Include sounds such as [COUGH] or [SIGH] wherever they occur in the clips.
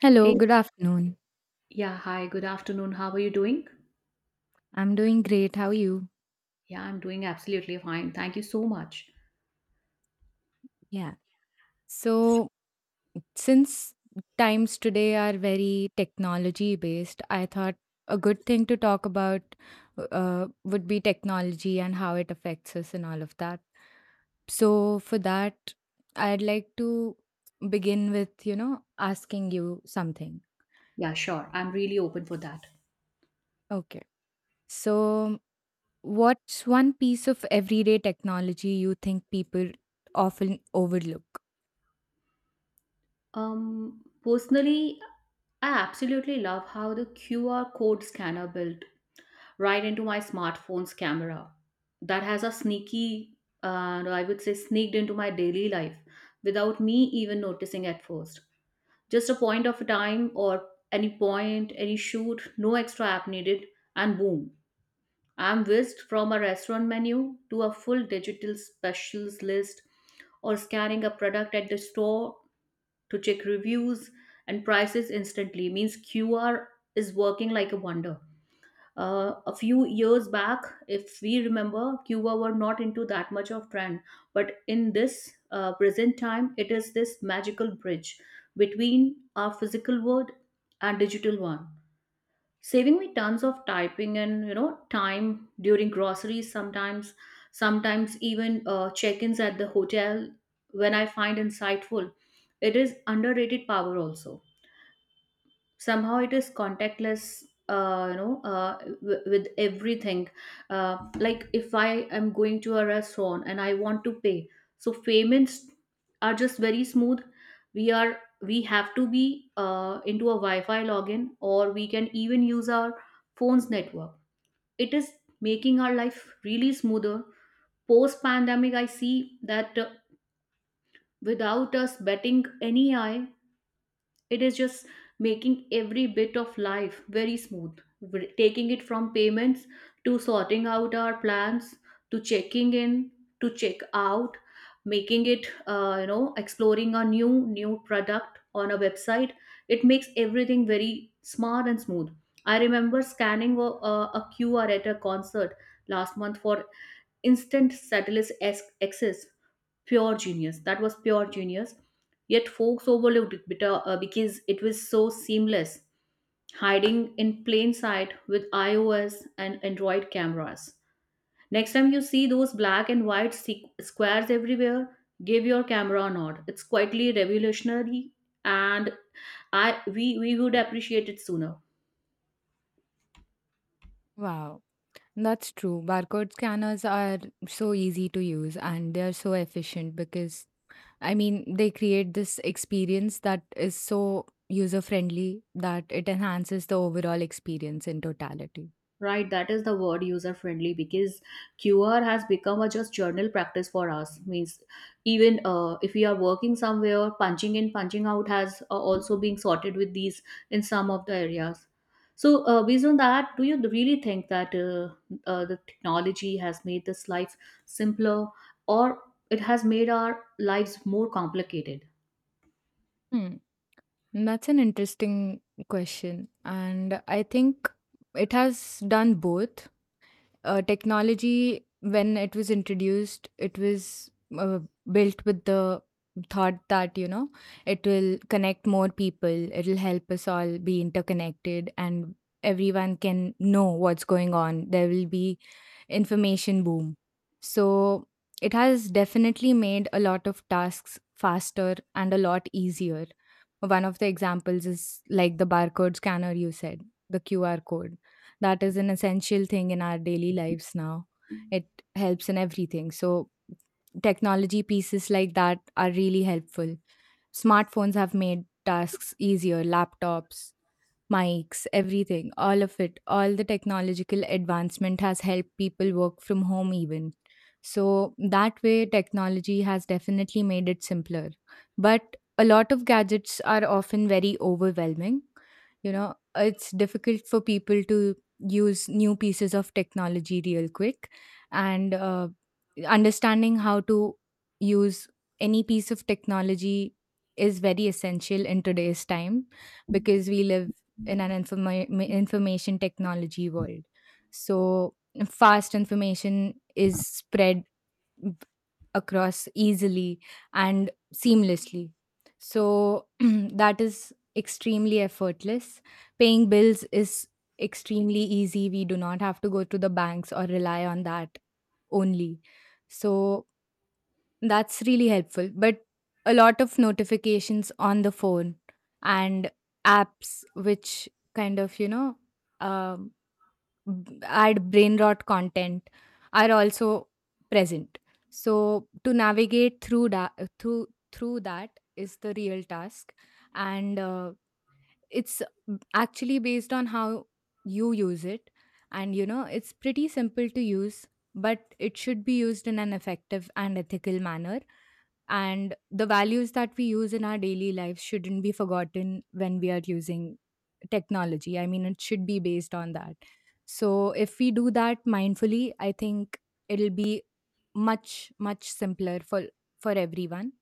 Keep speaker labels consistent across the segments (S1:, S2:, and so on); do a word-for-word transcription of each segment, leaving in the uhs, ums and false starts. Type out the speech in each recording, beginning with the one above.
S1: Hello,
S2: Hey,
S1: good afternoon.
S2: yeah, hi, good afternoon. How are you doing?
S1: I'm doing great. How are you?
S2: Yeah, I'm doing absolutely fine. Thank you so much.
S1: Yeah. So, since times today are very technology based, I thought a good thing to talk about uh, would be technology and how it affects us and all of that. So, for that, I'd like to begin with, you know, asking you something.
S2: Yeah, sure. I'm really open for that.
S1: Okay. So, what's one piece of everyday technology you think people often overlook?
S2: Um, personally, I absolutely love how the Q R code scanner built right into my smartphone's camera. That has a sneaky, uh, I would say, sneaked into my daily life without me even noticing at first. Just a point of time or any point, any shoot, no extra app needed, and boom, I'm whisked from a restaurant menu to a full digital specials list or scanning a product at the store to check reviews and prices instantly means Q R is working like a wonder. Uh, a few years back, if we remember, Q R were not into that much of trend, but in this uh, present time, it is this magical bridge between our physical world and digital one, saving me tons of typing and, you know, time during groceries, sometimes sometimes even uh, check-ins at the hotel. When I find insightful, it is underrated power also. Somehow it is contactless, uh, you know uh, w- with everything. Uh, like if I am going to a restaurant and I want to pay, so payments are just very smooth. We are we have to be uh, into a Wi-Fi login, or we can even use our phone's network. It is making our life really smoother. Post pandemic, I see that, uh, without us betting any eye, it is just making every bit of life very smooth. We taking it from payments to sorting out our plans, to checking in, to check out, making it, uh, you know, exploring a new new product on a website. It makes everything very smart and smooth. I remember scanning a, a QR at a concert last month for instant satellite ac- access. Pure genius. That was pure genius. Yet folks overlooked it, bit- uh, because it was so seamless, hiding in plain sight with iOS and Android cameras. Next time you see those black and white se- squares everywhere, give your camera a nod. It's quietly revolutionary, and I we we would appreciate it sooner.
S1: Wow. That's true. Barcode scanners are so easy to use and they are so efficient because, I mean, they create this experience that is so user friendly that it enhances the overall experience in totality.
S2: Right, that is the word, user friendly, because Q R has become a just journal practice for us. Means even, uh, if we are working somewhere, punching in, punching out has uh, also been sorted with these in some of the areas. So, uh, based on that, do you really think that uh, uh, the technology has made this life simpler, or it has made our lives more complicated?
S1: Hmm. That's an interesting question. And I think it has done both. Uh, technology when it was introduced it was, uh, built with the thought that, you know, it will connect more people, it'll help us all be interconnected, and everyone can know what's going on. There will be information boom. So it has definitely made a lot of tasks faster and a lot easier. One of the examples is like the barcode scanner you said, the Q R code. That is an essential thing in our daily lives now. It helps in everything. So technology pieces like that are really helpful. Smartphones have made tasks easier, laptops, mics, everything, all of it, all the technological advancement has helped people work from home even. So that way, technology has definitely made it simpler. But a lot of gadgets are often very overwhelming. You know, it's difficult for people to use new pieces of technology real quick. And uh, understanding how to use any piece of technology is very essential in today's time, because we live in an informa- information technology world. So, fast information is spread b- across easily and seamlessly. So, [CLEARS THROAT] that is extremely effortless. Paying bills is extremely easy. We do not have to go to the banks or rely on that only. So, that's really helpful. But a lot of notifications on the phone and apps which kind of, you know, um, b- add brain rot content are also present. So to navigate through that, through through that is the real task, and uh, it's actually based on how you use it. And you know, it's pretty simple to use, but it should be used in an effective and ethical manner. And the values that we use in our daily lives shouldn't be forgotten when we are using technology. I mean, it should be based on that. So if we do that mindfully, I think it'll be much, much simpler for for everyone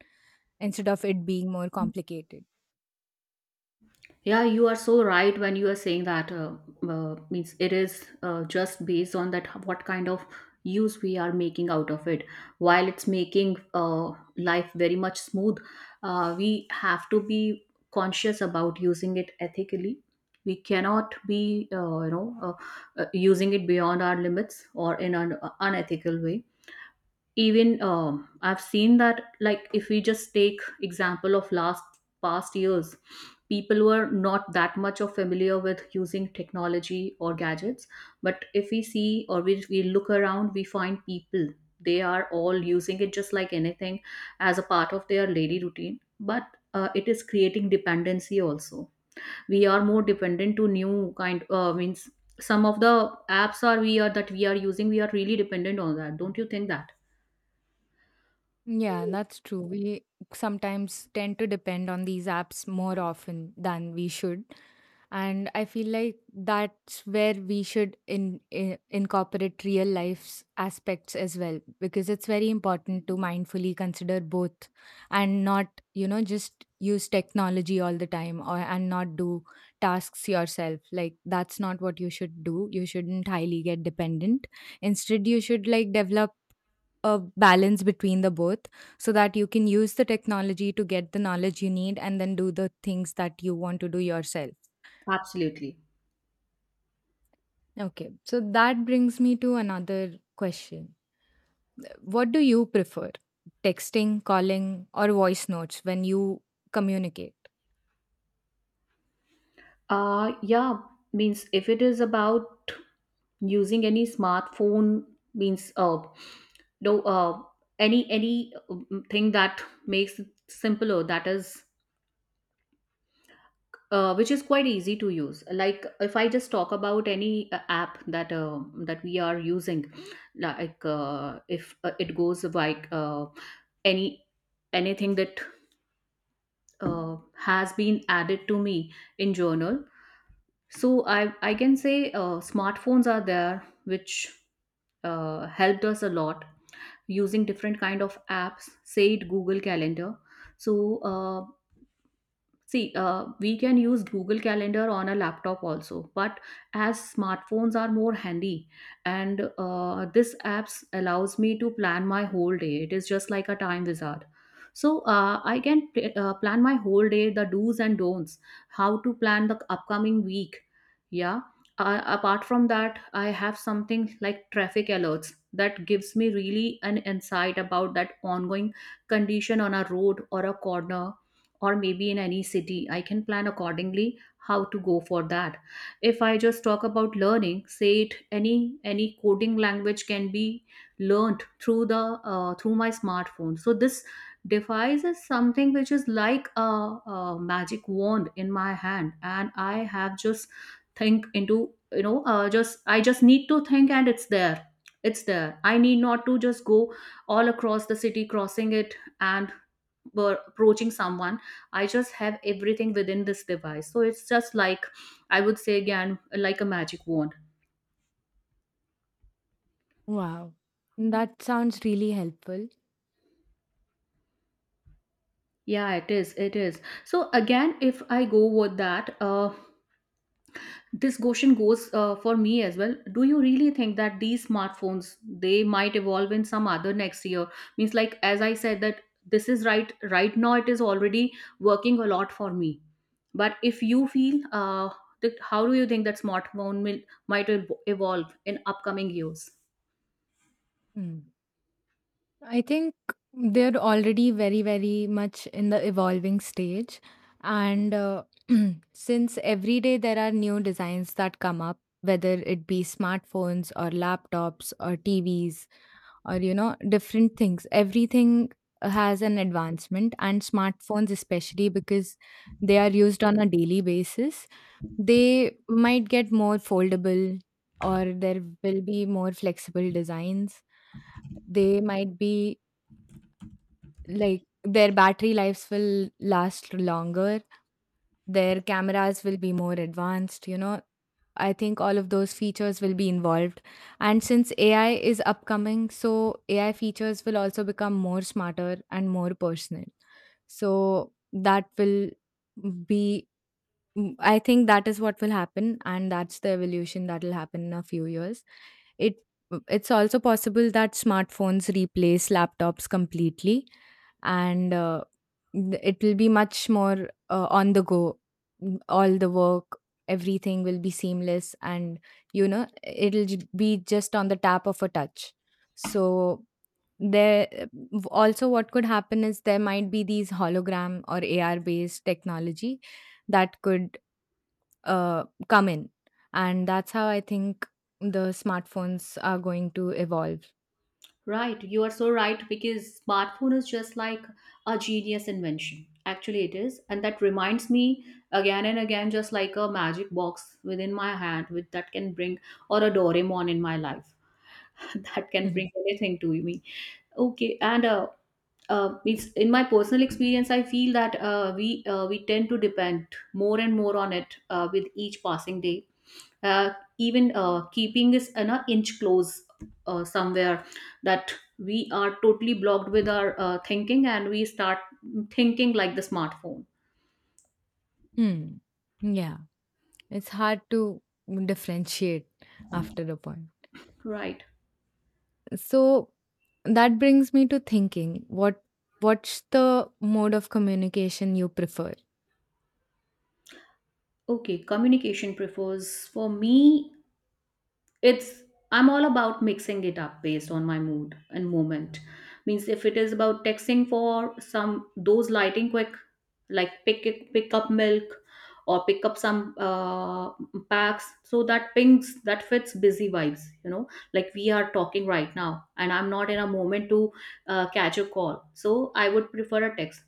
S1: instead of it being more complicated.
S2: Yeah, you are so right when you are saying that, uh, uh, means it is, uh, just based on that what kind of use we are making out of it. While it's making, uh, life very much smooth, uh, we have to be conscious about using it ethically. We cannot be, uh, you know, uh, uh, using it beyond our limits or in an uh, unethical way. Even um I've seen that, like if we just take example of last past years, people were not that much of familiar with using technology or gadgets, but if we see, or we, we look around, we find people, they are all using it just like anything as a part of their daily routine. But uh, it is creating dependency also. We are more dependent to new kind, uh, means some of the apps are, we are, that we are using, we are really dependent on that. Don't you think that?
S1: Yeah, that's true. We sometimes tend to depend on these apps more often than we should. And I feel like that's where we should in, in, incorporate real life's aspects as well, because it's very important to mindfully consider both and not, you know, just use technology all the time, or and not do tasks yourself. Like that's not what you should do. You shouldn't highly get dependent. Instead, you should like develop a balance between the both so that you can use the technology to get the knowledge you need and then do the things that you want to do yourself.
S2: Absolutely.
S1: Okay, so that brings me to another question. What do you prefer, texting, calling, or voice notes when you communicate?
S2: Uh yeah, means if it is about using any smartphone, means uh no uh any any um, thing that makes it simpler, that is, uh, which is quite easy to use. Like if I just talk about any uh, app that, uh, that we are using, like, uh, if uh, it goes like, uh, any anything that, uh, has been added to me in journal. So I I can say, uh, smartphones are there, which uh, helped us a lot using different kind of apps. Say it, Google Calendar. So uh, See, uh, we can use Google Calendar on a laptop also, but as smartphones are more handy, and uh, this apps allows me to plan my whole day. It is just like a time wizard. So, uh, I can pl- uh, plan my whole day, the do's and don'ts, how to plan the upcoming week. Yeah. Uh, apart from that, I have something like traffic alerts that gives me really an insight about that ongoing condition on a road or a corner, or maybe in any city. I can plan accordingly how to go for that. If I just talk about learning, say it, any any coding language can be learned through the, uh, through my smartphone. So this device is something which is like a, a magic wand in my hand, and I have just think into, you know, uh, just I just need to think and it's there. it's there I need not to just go all across the city crossing it, and were approaching someone. I just have everything within this device. So it's just like, I would say again, like a magic wand.
S1: Wow, that sounds really helpful.
S2: Yeah, it is. It is. So again, if I go with that, uh, this question goes uh, for me as well. Do you really think that these smartphones they might evolve in some other next year? Means like as I said that this is right right now, it is already working a lot for me. But if you feel, uh, that how do you think that smartphone will might ev- evolve in upcoming years?
S1: I think they're already very, very much in the evolving stage. And uh, [CLEARS THROAT] since every day there are new designs that come up, whether it be smartphones or laptops or T Vs or, you know, different things, everything has an advancement. And smartphones, especially because they are used on a daily basis, they might get more foldable, or there will be more flexible designs. They might be like their battery lives will last longer, their cameras will be more advanced, you know, I think all of those features will be involved. And since AI is upcoming, so AI features will also become more smarter and more personal. So that will be, mm, I think that is what will happen, and that's the evolution that will happen in a few years. It it's also possible that smartphones replace laptops completely, and uh, th- it will be much more uh, on the go. M- All the work, everything will be seamless, and you know it'll j- be just on the tap of a touch. So there also what could happen is there might be these hologram or A R based technology that could uh, come in, and that's how I think the smartphones are going to evolve.
S2: Right, you are so right, because smartphone is just like a genius invention. Actually, it is, and that reminds me again and again, just like a magic box within my hand, with that can bring or a Doraemon in my life [LAUGHS] that can
S1: [LAUGHS]
S2: bring anything to me. Okay, and, uh, uh, it's in my personal experience, I feel that, uh, we uh, we tend to depend more and more on it, uh, with each passing day. uh, Even, uh, keeping is an inch close, uh, somewhere that we are totally blocked with our, uh, thinking, and we start thinking like the smartphone.
S1: Hmm. Yeah. It's hard to differentiate after a point.
S2: Right.
S1: So that brings me to thinking what what's the mode of communication you prefer?
S2: Okay, communication prefers for me, it's, I'm all about mixing it up based on my mood and moment. Means if it is about texting for some, those lighting quick, like pick it- pick up milk, or pick up some, uh, packs, so that pings that fits busy vibes, you know, like we are talking right now and I'm not in a moment to, uh, catch a call, so I would prefer a text.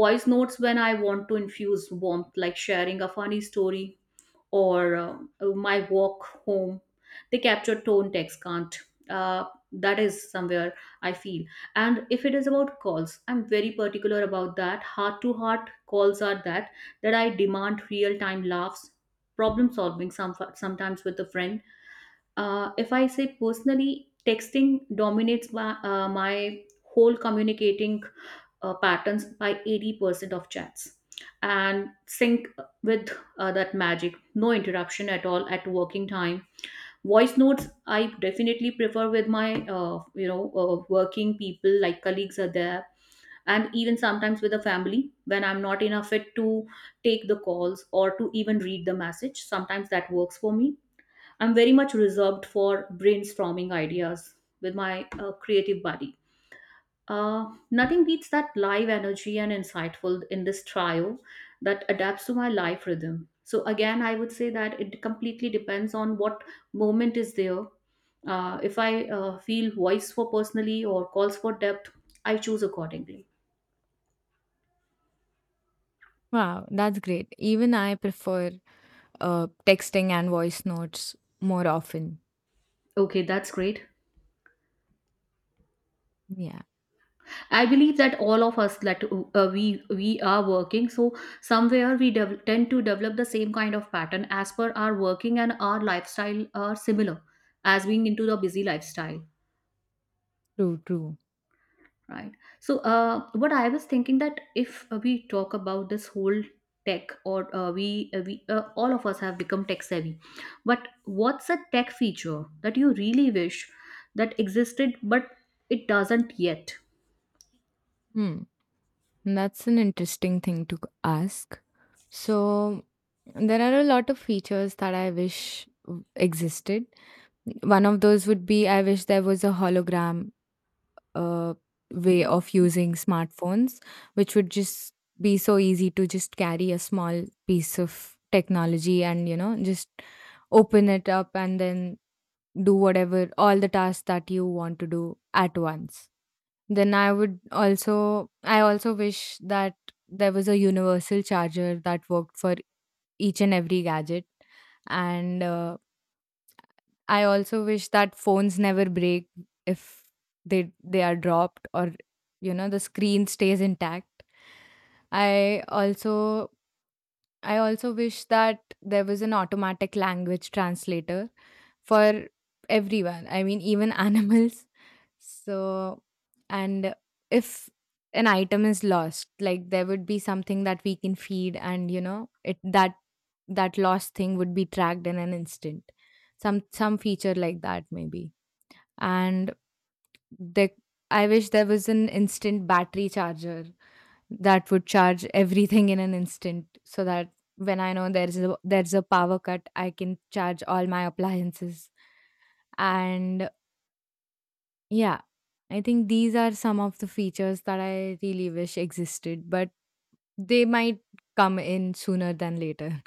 S2: Voice notes, when I want to infuse warmth, like sharing a funny story, or um, my walk home, they capture tone text can't, uh, that is somewhere I feel. And if it is about calls, I'm very particular about that. Heart to heart calls are that, that I demand real time laughs, problem solving, some, sometimes with a friend. Uh, if I say personally, texting dominates my, uh, my whole communicating, uh, patterns by eighty percent of chats and sync with, uh, that magic, no interruption at all at working time. Voice notes, I definitely prefer with my, uh, you know uh, working people like colleagues are there, and even sometimes with the family when I'm not in a fit to take the calls or to even read the message, sometimes that works for me. I'm very much reserved for brainstorming ideas with my, uh, creative buddy. Uh, nothing beats that live energy and insightful in this trio that adapts to my life rhythm. So again, I would say that it completely depends on what moment is there. Uh, if I uh, feel voice for personally or calls for depth, I choose accordingly.
S1: Wow, that's great. Even I prefer uh, texting and voice notes more often.
S2: Okay, that's great.
S1: Yeah,
S2: I believe that all of us that, uh, we we are working, so somewhere we dev- tend to develop the same kind of pattern as per our working, and our lifestyle are similar, as being into the busy lifestyle.
S1: true, true.
S2: Right. So, uh, what I was thinking that, if, uh, we talk about this whole tech, or, uh, we uh, we uh, all of us have become tech savvy, but what's a tech feature that you really wish that existed but it doesn't yet?
S1: Hmm, that's an interesting thing to ask. So there are a lot of features that I wish existed. One of those would be, I wish there was a hologram uh, way of using smartphones, which would just be so easy to just carry a small piece of technology and, you know, just open it up and then do whatever, all the tasks that you want to do at once. Then I would also, I also wish that there was a universal charger that worked for each and every gadget. And uh, I also wish that phones never break if they they are dropped, or you know the screen stays intact. I also I also wish that there was an automatic language translator for everyone. I mean, even [LAUGHS] animals. So, and if an item is lost, like there would be something that we can feed, and you know, it that that lost thing would be tracked in an instant. Some some feature like that, maybe. And the, I wish there was an instant battery charger that would charge everything in an instant, so that when I know there's a there's a power cut, I can charge all my appliances. And yeah. I think these are some of the features that I really wish existed, but they might come in sooner than later.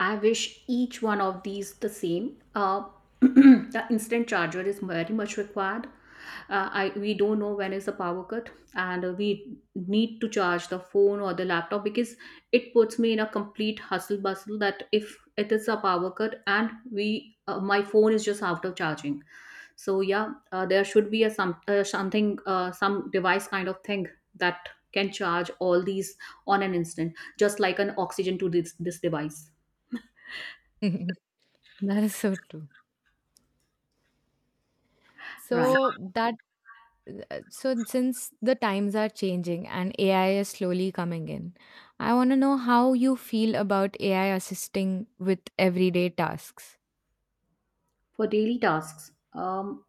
S2: I wish each one of these the same. Uh, [CLEARS THROAT] the instant charger is very much required. Uh, I we don't know when is the power cut, and, uh, we need to charge the phone or the laptop, because it puts me in a complete hustle bustle. That if it is a power cut and we, uh, my phone is just out of charging, so yeah, uh, there should be a some, uh, something, uh, some device kind of thing that can charge all these on an instant, just like an oxygen to this this device,
S1: [LAUGHS] That is so true.
S2: right?
S1: So that, uh, so since the times are changing and A I is slowly coming in, I want to know how you feel about A I assisting with everyday tasks.
S2: For daily tasks, um,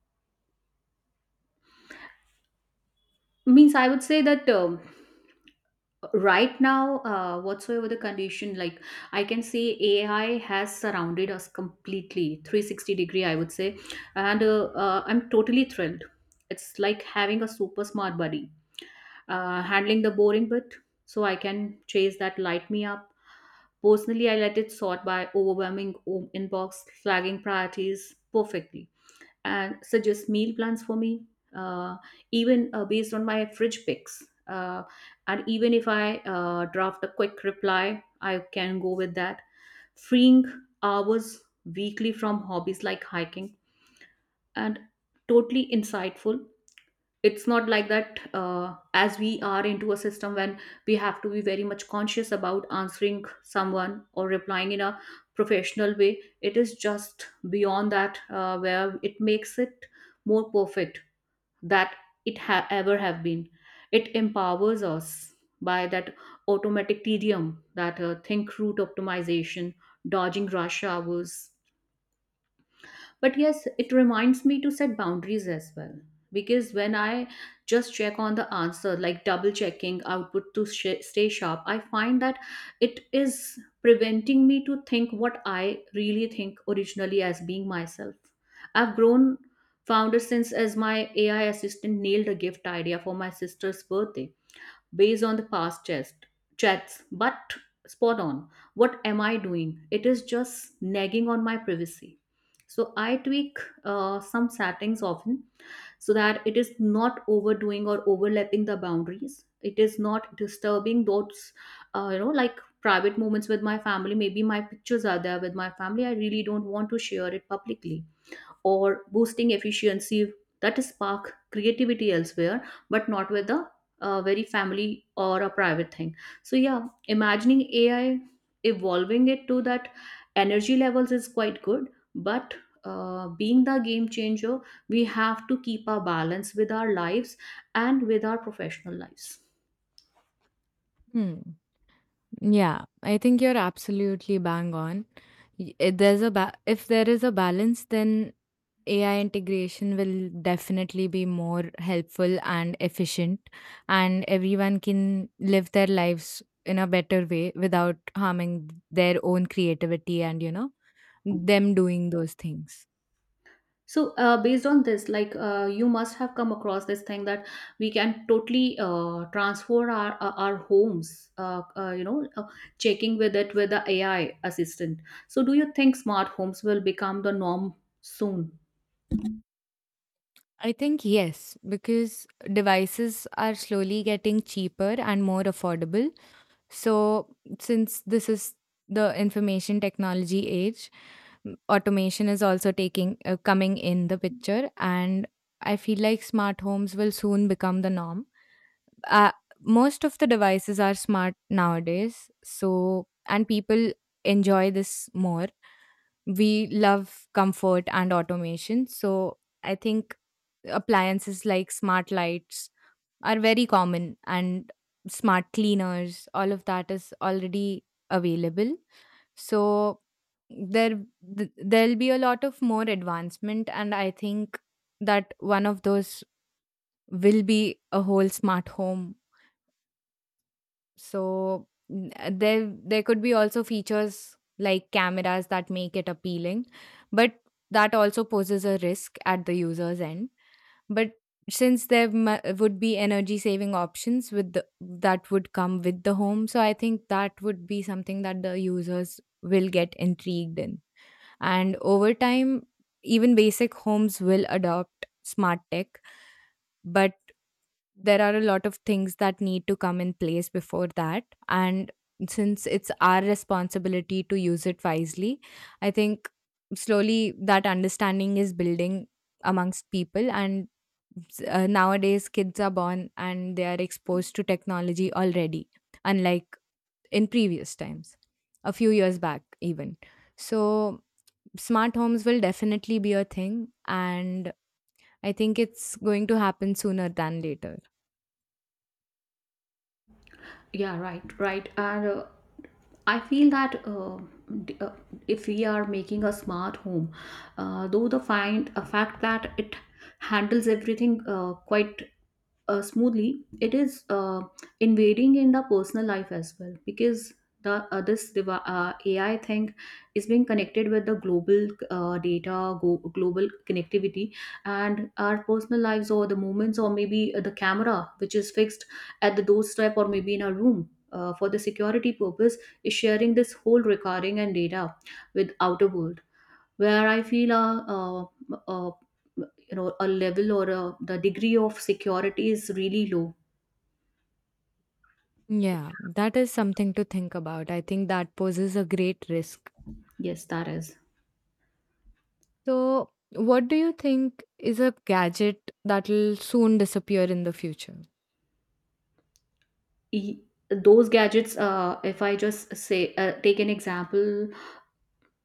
S2: means I would say that um, right now, uh, whatsoever the condition, like I can say AI has surrounded us completely three sixty degree, I would say. And uh, uh, I'm totally thrilled. It's like having a super smart buddy uh, handling the boring bit so I can chase that light me up. Personally, I let it sort by overwhelming o- inbox, flagging priorities perfectly, and suggest meal plans for me, uh, even uh, based on my fridge picks. Uh, and even if I uh, draft a quick reply, I can go with that. Freeing hours weekly from hobbies like hiking. And totally insightful. It's not like that, uh, as we are into a system when we have to be very much conscious about answering someone or replying in a professional way. It is just beyond that, uh, where it makes it more perfect that it ha- ever have been. It empowers us by that automatic tedium that, uh, think route optimization, dodging rush hours. But yes, it reminds me to set boundaries as well. Because when I just check on the answer, like double checking output to sh- stay sharp, I find that it is preventing me to think what I really think originally as being myself. I've grown founder since as my A I assistant nailed a gift idea for my sister's birthday based on the past chest chats, but spot on. What am I doing? It is just nagging on my privacy. So I tweak uh, some settings often so that it is not overdoing or overlapping the boundaries. It is not disturbing those, uh, you know, like private moments with my family. Maybe my pictures are there with my family, I really don't want to share it publicly or boosting efficiency, that spark creativity elsewhere, but not with a, a very family or a private thing. So yeah, imagining AI evolving it to that energy levels is quite good. But uh, being the game changer, we have to keep our balance with our lives and with our professional lives.
S1: Hmm. Yeah, I think you're absolutely bang on. Y- If there's a ba- if there is a balance, then A I integration will definitely be more helpful and efficient, and everyone can live their lives in a better way without harming their own creativity and you know them doing those things.
S2: So, uh, based on this, like, uh, you must have come across this thing that we can totally uh, transfer our our our homes, uh, uh, you know, uh, checking with it with the A I assistant. So, do you think smart homes will become the norm soon?
S1: I think yes, because devices are slowly getting cheaper and more affordable. So, since this is the information technology age, m- automation is also taking uh, coming in the picture, and I feel like smart homes will soon become the norm. Uh, Most of the devices are smart nowadays, so and people enjoy this more. We love comfort and automation, so I think appliances like smart lights are very common, and smart cleaners, all of that is already available. So there, th- there'll be a lot of more advancement, and I think that one of those will be a whole smart home. so n- there there could be also features like cameras that make it appealing, but that also poses a risk at the user's end. But since there mu- would be energy saving options with the, that would come with the home, so I think that would be something that the users will get intrigued in. And over time, even basic homes will adopt smart tech, but there are a lot of things that need to come in place before that. And since it's our responsibility to use it wisely, I think slowly that understanding is building amongst people. And uh, nowadays kids are born and they are exposed to technology already, unlike in previous times, a few years back even. So smart homes will definitely be a thing, and I think it's going to happen sooner than later.
S2: Yeah, right, right. And uh, I feel that, uh, d- uh, if we are making a smart home, uh, though the find a fact that it handles everything uh, quite uh, smoothly, it is uh, invading in the personal life as well, because the, uh, this devi- uh, A I thing is being connected with the global, uh, data, go- global connectivity, and our personal lives or the moments or maybe uh, the camera which is fixed at the doorstep or maybe in our room, Uh, for the security purpose, is sharing this whole recording and data with outer world, where I feel a, a, a, you know, a level or a, the degree of security is really low.
S1: Yeah, that is something to think about. I think that poses a great risk.
S2: Yes, that is.
S1: So, what do you think is a gadget that'll soon disappear in the future?
S2: E- Those gadgets. Uh, if I just say, uh, take an example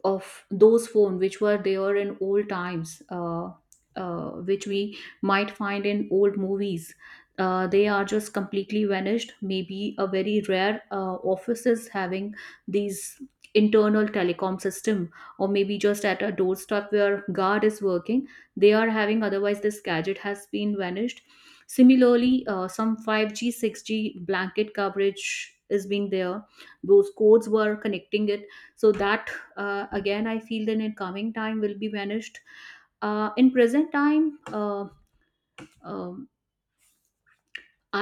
S2: of those phones which were there in old times, uh, uh, which we might find in old movies. Uh, they are just completely vanished. Maybe a very rare uh, office is having these internal telecom system, or maybe just at a doorstep where guard is working. They are having. Otherwise, this gadget has been vanished. Similarly, uh, some five G, six G blanket coverage is being there. Those codes were connecting it, so that uh, again I feel that in coming time will be vanished. Uh, in present time, uh, um,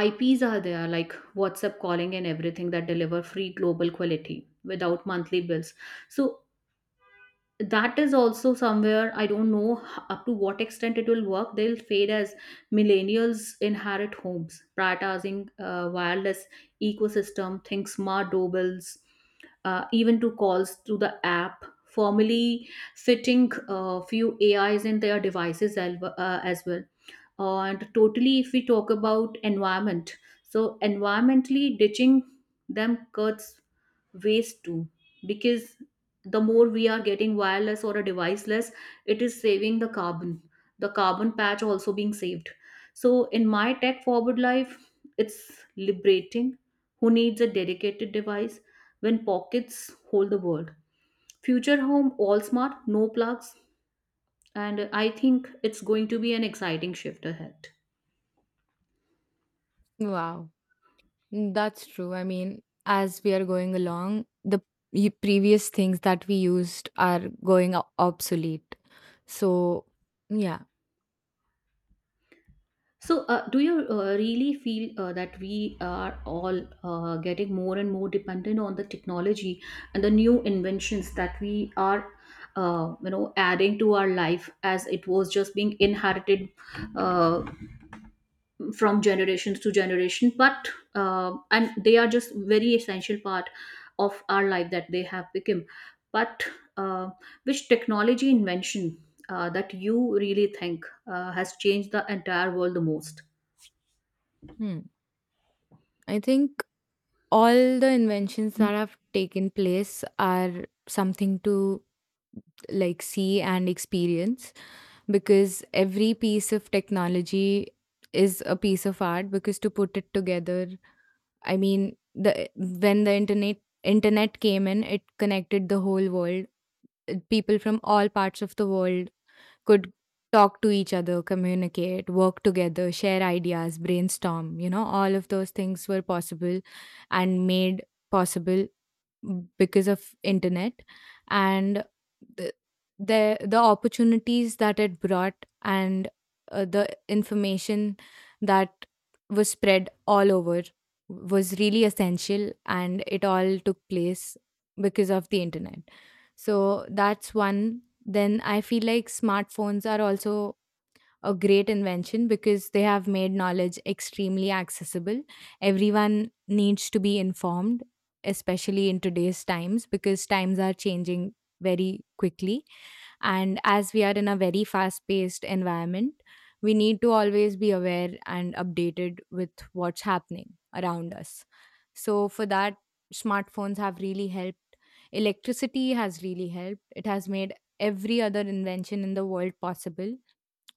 S2: IPs are there, like WhatsApp calling and everything that deliver free global quality without monthly bills. So that is also somewhere, I don't know h- up to what extent it will work. They'll fade as millennials inherit homes prioritizing uh, wireless ecosystem. Think smart doorbells, uh, even to calls to the app formally, fitting a few AIs in their devices al- uh, as well. And totally, if we talk about environment, so environmentally ditching them cuts waste too, because the more we are getting wireless or a deviceless, it is saving the carbon. The carbon patch also being saved. So in my tech forward life, it's liberating. Who needs a dedicated device when pockets hold the world? Future home all smart, no plugs. And I think it's going to be an exciting shift ahead.
S1: Wow, mm, that's true. I mean, as we are going along, the y- previous things that we used are going o- obsolete. So, yeah,
S2: So, uh, do you uh, really feel, uh, that we are all uh, getting more and more dependent on the technology and the new inventions that we are, uh, you know, adding to our life as it was just being inherited, uh, from generations to generation? But, uh, and they are just very essential part of our life that they have become. But, uh, which technology invention, uh, that you really think, uh, has changed the entire world the most?
S1: hmm. I think all the inventions that have taken place are something to like see and experience because every piece of technology is a piece of art because to put it together. I mean the When the internet internet came in, it connected the whole world. Uh, people from all parts of the world could talk to each other, communicate, work together, share ideas, brainstorm, you know, all of those things were possible and made possible because of internet. And the the, the opportunities that it brought and uh, the information that was spread all over was really essential, and it all took place because of the internet. So that's one. Then I feel like smartphones are also a great invention because they have made knowledge extremely accessible. Everyone needs to be informed, especially in today's times, because times are changing very quickly. And as we are in a very fast paced environment, we need to always be aware and updated with what's happening around us. So, for that, smartphones have really helped. Electricity has really helped. It has made every other invention in the world possible.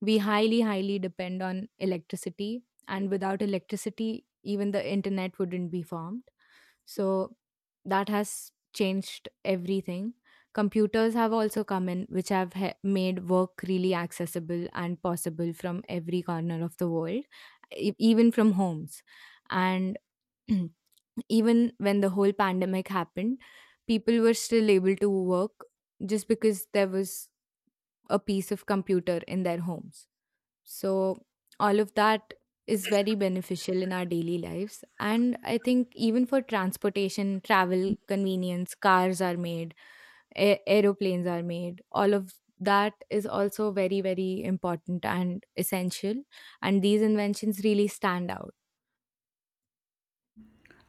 S1: We highly highly depend on electricity, and without electricity even the internet wouldn't be formed. So that has changed everything. Computers have also come in, which have he- made work really accessible and possible from every corner of the world, e- even from homes. And [CLEARS THROAT] even when the whole pandemic happened, people were still able to work just because there was a piece of computer in their homes. So, all of that is very beneficial in our daily lives. And I think even for transportation, travel, convenience, cars are made, a- aeroplanes are made, all of that is also very, very important and essential. And these inventions really stand out.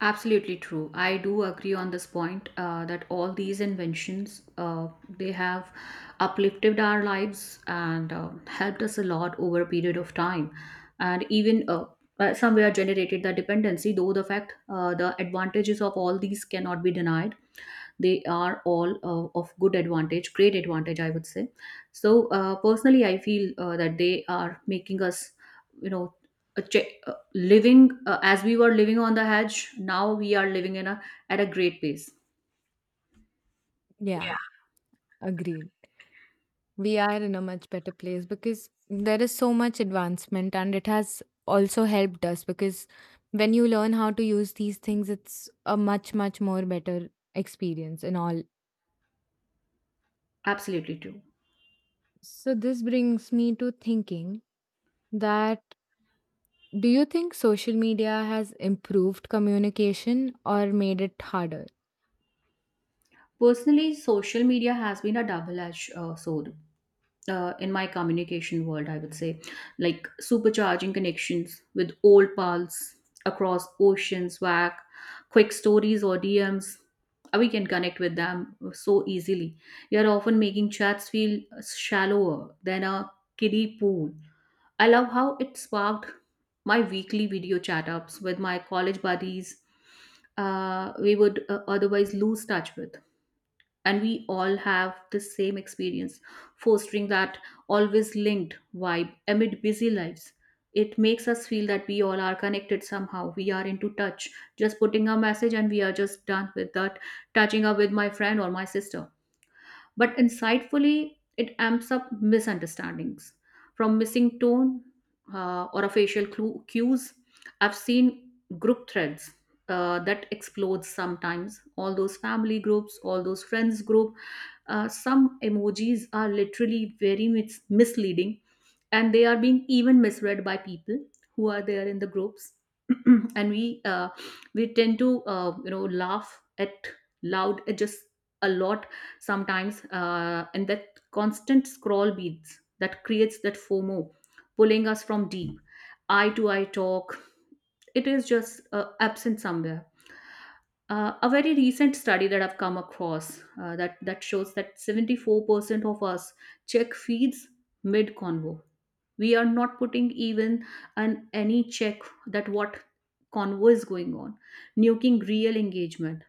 S2: Absolutely true. I do agree on this point, uh, that all these inventions, uh, they have uplifted our lives and, uh, helped us a lot over a period of time, and even, uh, uh, somewhere generated the dependency. Though the fact, uh, the advantages of all these cannot be denied. They are all, uh, of good advantage, great advantage, I would say. So, uh, personally I feel, uh, that they are making us, you know, a che- uh, living, uh, as we were living on the edge, now we are living in a, at a great pace.
S1: Yeah, agreed. We are in a much better place because there is so much advancement, and it has also helped us because when you learn how to use these things it's a much much more better experience and all.
S2: Absolutely true.
S1: So this brings me to thinking, that do you think social media has improved communication or made it harder?
S2: Personally, social media has been a double edged, uh, sword, uh, in my communication world, I would say, like supercharging connections with old pals across oceans, W A C, quick stories or D Ms. Uh, We can connect with them so easily. You're often making chats feel shallower than a kiddie pool. I love how it sparked my weekly video chat ups with my college buddies, uh, we would uh, otherwise lose touch with, and we all have the same experience, fostering that always linked vibe amid busy lives. It makes us feel that we all are connected somehow. We are into touch. Just putting a message and we are just done with that, touching up with my friend or my sister. But insightfully, it amps up misunderstandings from missing tone, uh, or a facial clue, cues. I've seen group threads, uh, that explodes sometimes, all those family groups, all those friends group, uh, some emojis are literally very mis- misleading, and they are being even misread by people who are there in the groups. [CLEARS THROAT] And we, uh, we tend to, uh, you know, laugh at loud, uh, just a lot sometimes, uh, and that constant scroll beats that creates that FOMO, pulling us from deep eye to eye talk. It is just, uh, absent somewhere. Uh, a very recent study that I've come across, uh, that that shows that seventy-four percent of us check feeds mid convo. We are not putting even an any check that what convo is going on, nuking real engagement.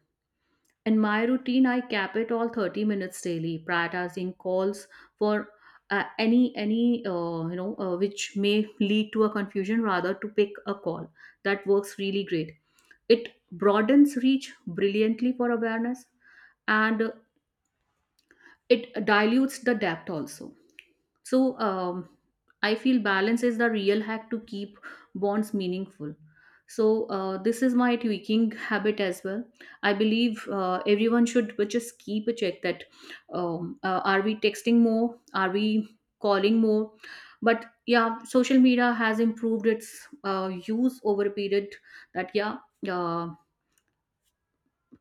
S2: In my routine, I cap it all thirty minutes daily, prioritizing calls for, uh, any any uh, you know, uh, which may lead to a confusion rather to pick a call. That works really great. It broadens reach brilliantly for awareness, and, uh, it dilutes the depth also. So, um, I feel balance is the real hack to keep bonds meaningful. So, uh, this is my tweaking habit as well. I believe, uh, everyone should just keep a check that, um, uh, are we texting more, are we calling more. But yeah, social media has improved its, uh, use over a period. That yeah, uh,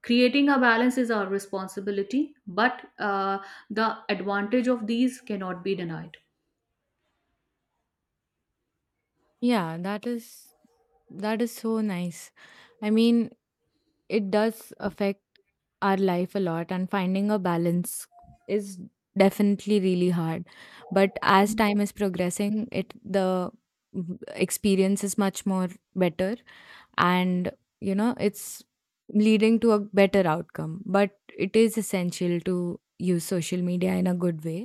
S2: creating a balance is our responsibility, but, uh, the advantage of these cannot be denied.
S1: Yeah, that is that is so nice. i mean It does affect our life a lot, and finding a balance is definitely really hard. But as time is progressing, it the w- experience is much more better, and you know it's leading to a better outcome. But it is essential to use social media in a good way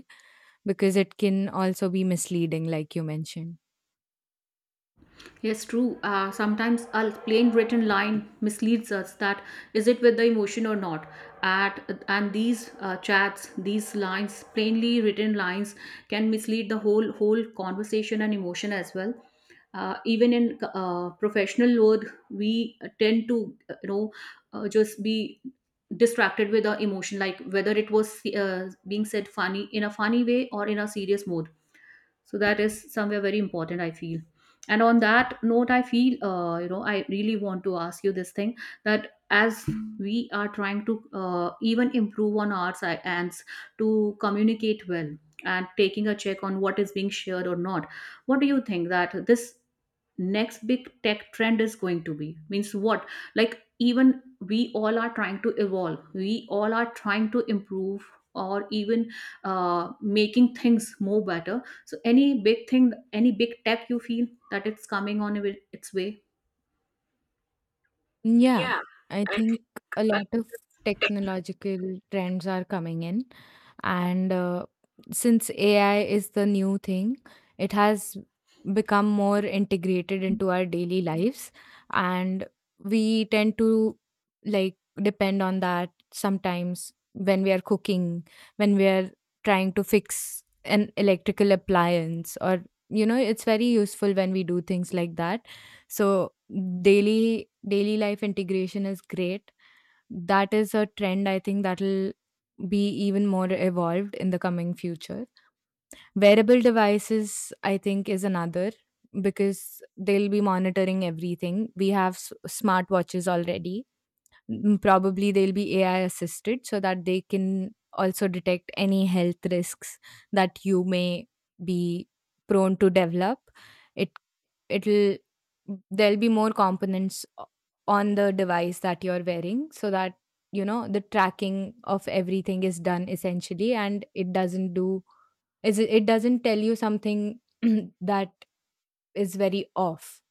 S1: because it can also be misleading, like you mentioned.
S2: Yes, true. Uh, sometimes a plain written line misleads us that is it with the emotion or not. At and these, uh, chats, these lines, plainly written lines, can mislead the whole whole conversation and emotion as well. Uh, even in, uh, professional world, we tend to, uh, you know, uh, just be distracted with our emotion, like whether it was, uh, being said funny in a funny way or in a serious mode. So that is somewhere very important, I feel. And on that note, I feel, uh, you know, I really want to ask you this thing, that as we are trying to, uh, even improve on our si- ends to communicate well and taking a check on what is being shared or not, what do you think that this next big tech trend is going to be? Means what, like, even we all are trying to evolve, we all are trying to improve, or even, uh, making things more better. So any big thing, any big tech you feel that it's coming on its way?
S1: Yeah,
S2: Yeah,
S1: I
S2: I,
S1: think a lot of technological trends are coming in. And uh, since A I is the new thing, it has become more integrated into our daily lives. And we tend to like depend on that sometimes when we are cooking, when we are trying to fix an electrical appliance, or you know it's very useful when we do things like that. So daily daily life integration is great. That is a trend, I think, that'll be even more evolved in the coming future. Wearable devices, I think, is another, because they'll be monitoring everything. We have s- smartwatches already. Mm, probably they'll be A I assisted so that they can also detect any health risks that you may be prone to develop. It it'll there'll be more components o- on the device that you're wearing, so that you know the tracking of everything is done essentially, and it doesn't do is it doesn't tell you something [CLEARS THROAT] that is very off.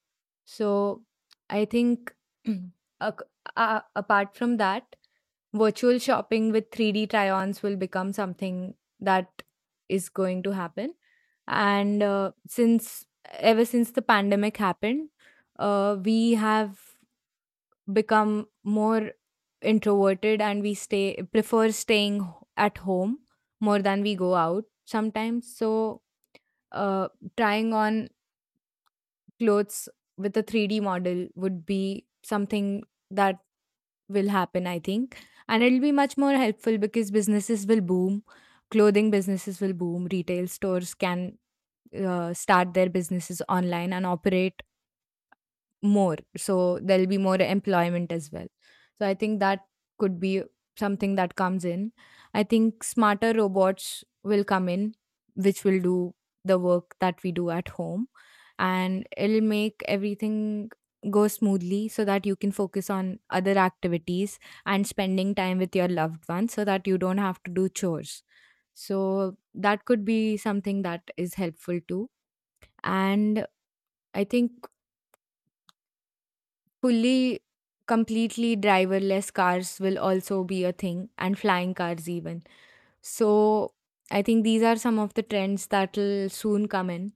S1: So I think [CLEARS THROAT] ac- uh, apart from that, virtual shopping with three D try ons will become something that is going to happen. And uh, since ever since the pandemic happened, uh, we have become more introverted, and we stay prefer staying h- at home more than we go out sometimes. So uh, trying on clothes with a three D model would be something that will happen, I think. And it'll be much more helpful because businesses will boom, clothing businesses will boom, retail stores can uh, start their businesses online and operate more, so there'll be more employment as well. So I think that could be something that comes in. I think smarter robots will come in, which will do the work that we do at home, and it'll make everything go smoothly so that you can focus on other activities and spending time with your loved ones, so that you don't have to do chores. So that could be something that is helpful too. And I think fully completely driverless cars will also be a thing, and flying cars even. So I think these are some of the trends that will soon come in.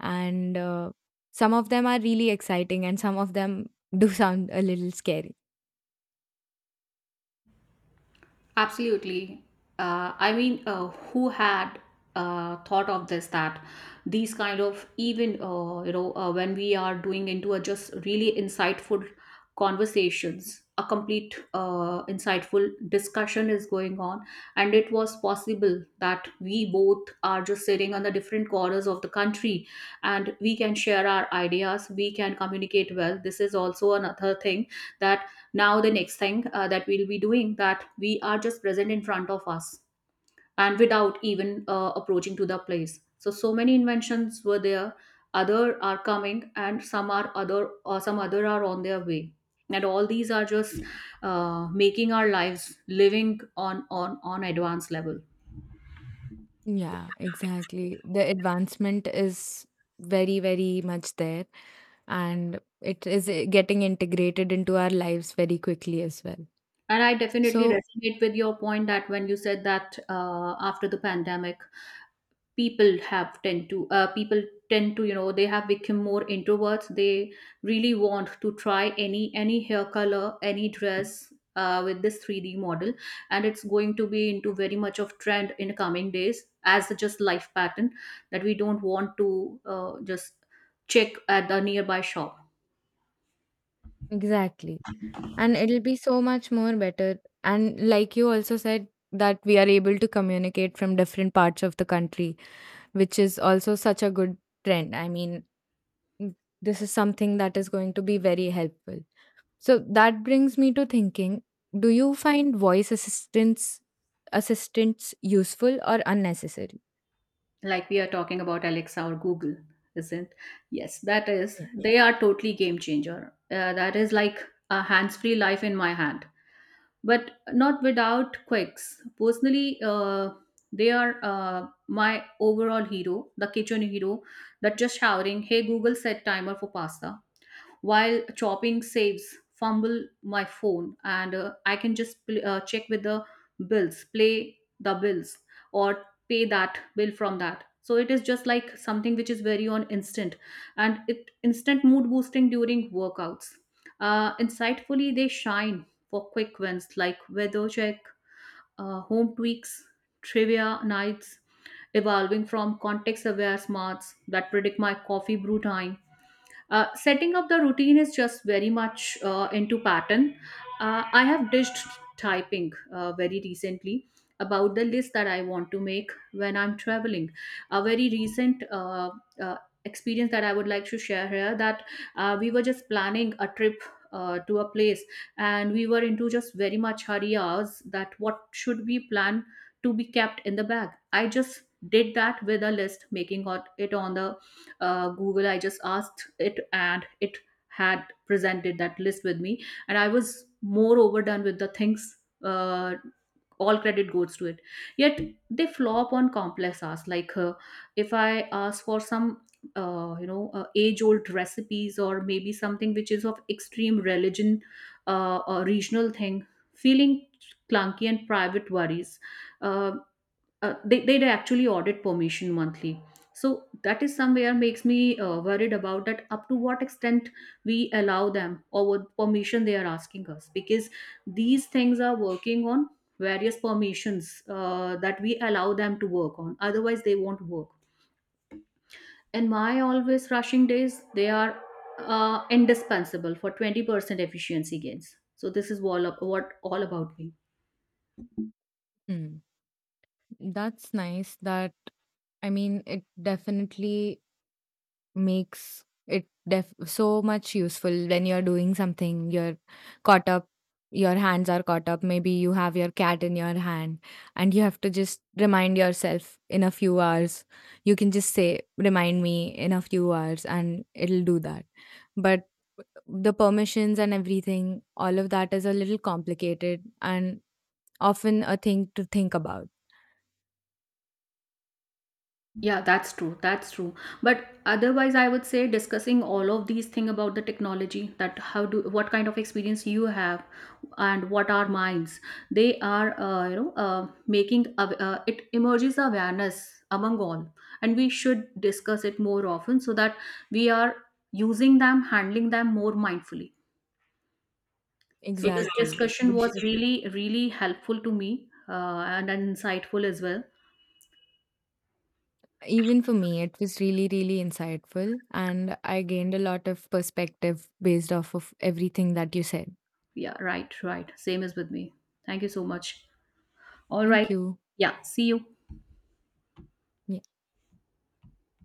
S1: And uh, some of them are really exciting and some of them [LAUGHS] do sound a little scary.
S2: Absolutely. Uh, I mean, uh, who had uh, thought of this that these kind of even uh, you know uh, when we are doing into a just really insightful conversations, a complete uh, insightful discussion is going on, and it was possible that we both are just sitting on the different corners of the country, and we can share our ideas, we can communicate well. This is also another thing that now the next thing uh, that we'll be doing, that we are just present in front of us and without even uh, approaching to the place. So so many inventions were there, other are coming, and some are other or some other are on their way, and all these are just uh, making our lives living on on on advanced level.
S1: Yeah, exactly, the advancement is very very much there, and it is uh, getting integrated into our lives very quickly as well.
S2: And I definitely
S1: So
S2: resonate with your point that when you said that uh, after the pandemic, people have tend to uh, people tend to, you know they have become more introverts. They really want to try any any hair color, any dress uh, with this three d model, and it's going to be into very much of trend in coming days as just life pattern, that we don't want to uh, just check at the nearby shop.
S1: exactly, and it'll be so much more better, and like you also said, that we are able to communicate from different parts of the country, which is also such a good trend. I mean mm, this is something that is going to be very helpful. So that brings me to thinking, do you find voice assistance assistants useful or unnecessary?
S2: Like, we are talking about Alexa or Google, isn't? Yes, that is.
S1: Yeah.
S2: They are totally game changer, uh, that is like a hands free life in my hand, but not without quirks. Personally, uh, they are uh, my overall hero, the kitchen hero, that just showering. Hey Google, set timer for pasta while chopping saves fumble my phone, and uh, I can just pl- uh, check with the bills, play the bills, or pay that bill from that. So it is just like something which is very on instant, and it instant mood boosting during workouts. Uh, insightfully they shine for quick wins like weather check, uh, home tweaks, trivia nights, evolving from context aware smarts that predict my coffee brew time. Uh, setting up the routine is just very much uh, into pattern. Uh, I have ditched typing uh, very recently about the list that I want to make when I'm traveling. A very recent uh, uh, experience that I would like to share here, that uh, we were just planning a trip Uh, to a place, and we were into just very much hurry hours that what should we plan to be kept in the bag. I just did that with a list, making it on the uh, Google. I just asked it, and it had presented that list with me, and I was more overdone with the things. uh, all credit goes to it. Yet they flop on complex asks like, uh, if I ask for some uh, you know uh, age old recipes, or maybe something which is of extreme religion uh, or regional thing, feeling clunky and private worries. uh, uh, they, they'd actually audit permission monthly, so that is somewhere makes me uh, worried about that, up to what extent we allow them, or what permission they are asking us, because these things are working on various permissions uh, that we allow them to work on, otherwise they won't work. And my always rushing days, they are uh, indispensable for twenty percent efficiency gains. So this is all up, what all about me.
S1: Hmm. That's nice that, I mean, it definitely Makes it def so much useful when you're doing something, you're caught up, your hands are caught up, maybe you have your cat in your hand, and you have to just remind yourself in a few hours. You can just say, "Remind me in a few hours," and it'll do that. But the permissions and everything, all of that is a little complicated and often a thing to think about.
S2: Yeah, that's true. That's true. But otherwise, I would say discussing all of these things about the technology, that how do what kind of experience you have and what are minds, they are uh, you know uh, making aw- uh, it emerges awareness among all, and we should discuss it more often so that we are using them, handling them more mindfully. So this, exactly,
S1: Exactly.
S2: discussion
S1: We
S2: was
S1: should.
S2: really, really helpful to me, uh, and insightful as well.
S1: Even for me, it was really, really insightful, and I gained a lot of perspective based off of everything that you said.
S2: Yeah, right, right, same as with me. Thank you so much. All
S1: Thank
S2: right.
S1: you.
S2: Yeah. See you.
S1: Yeah.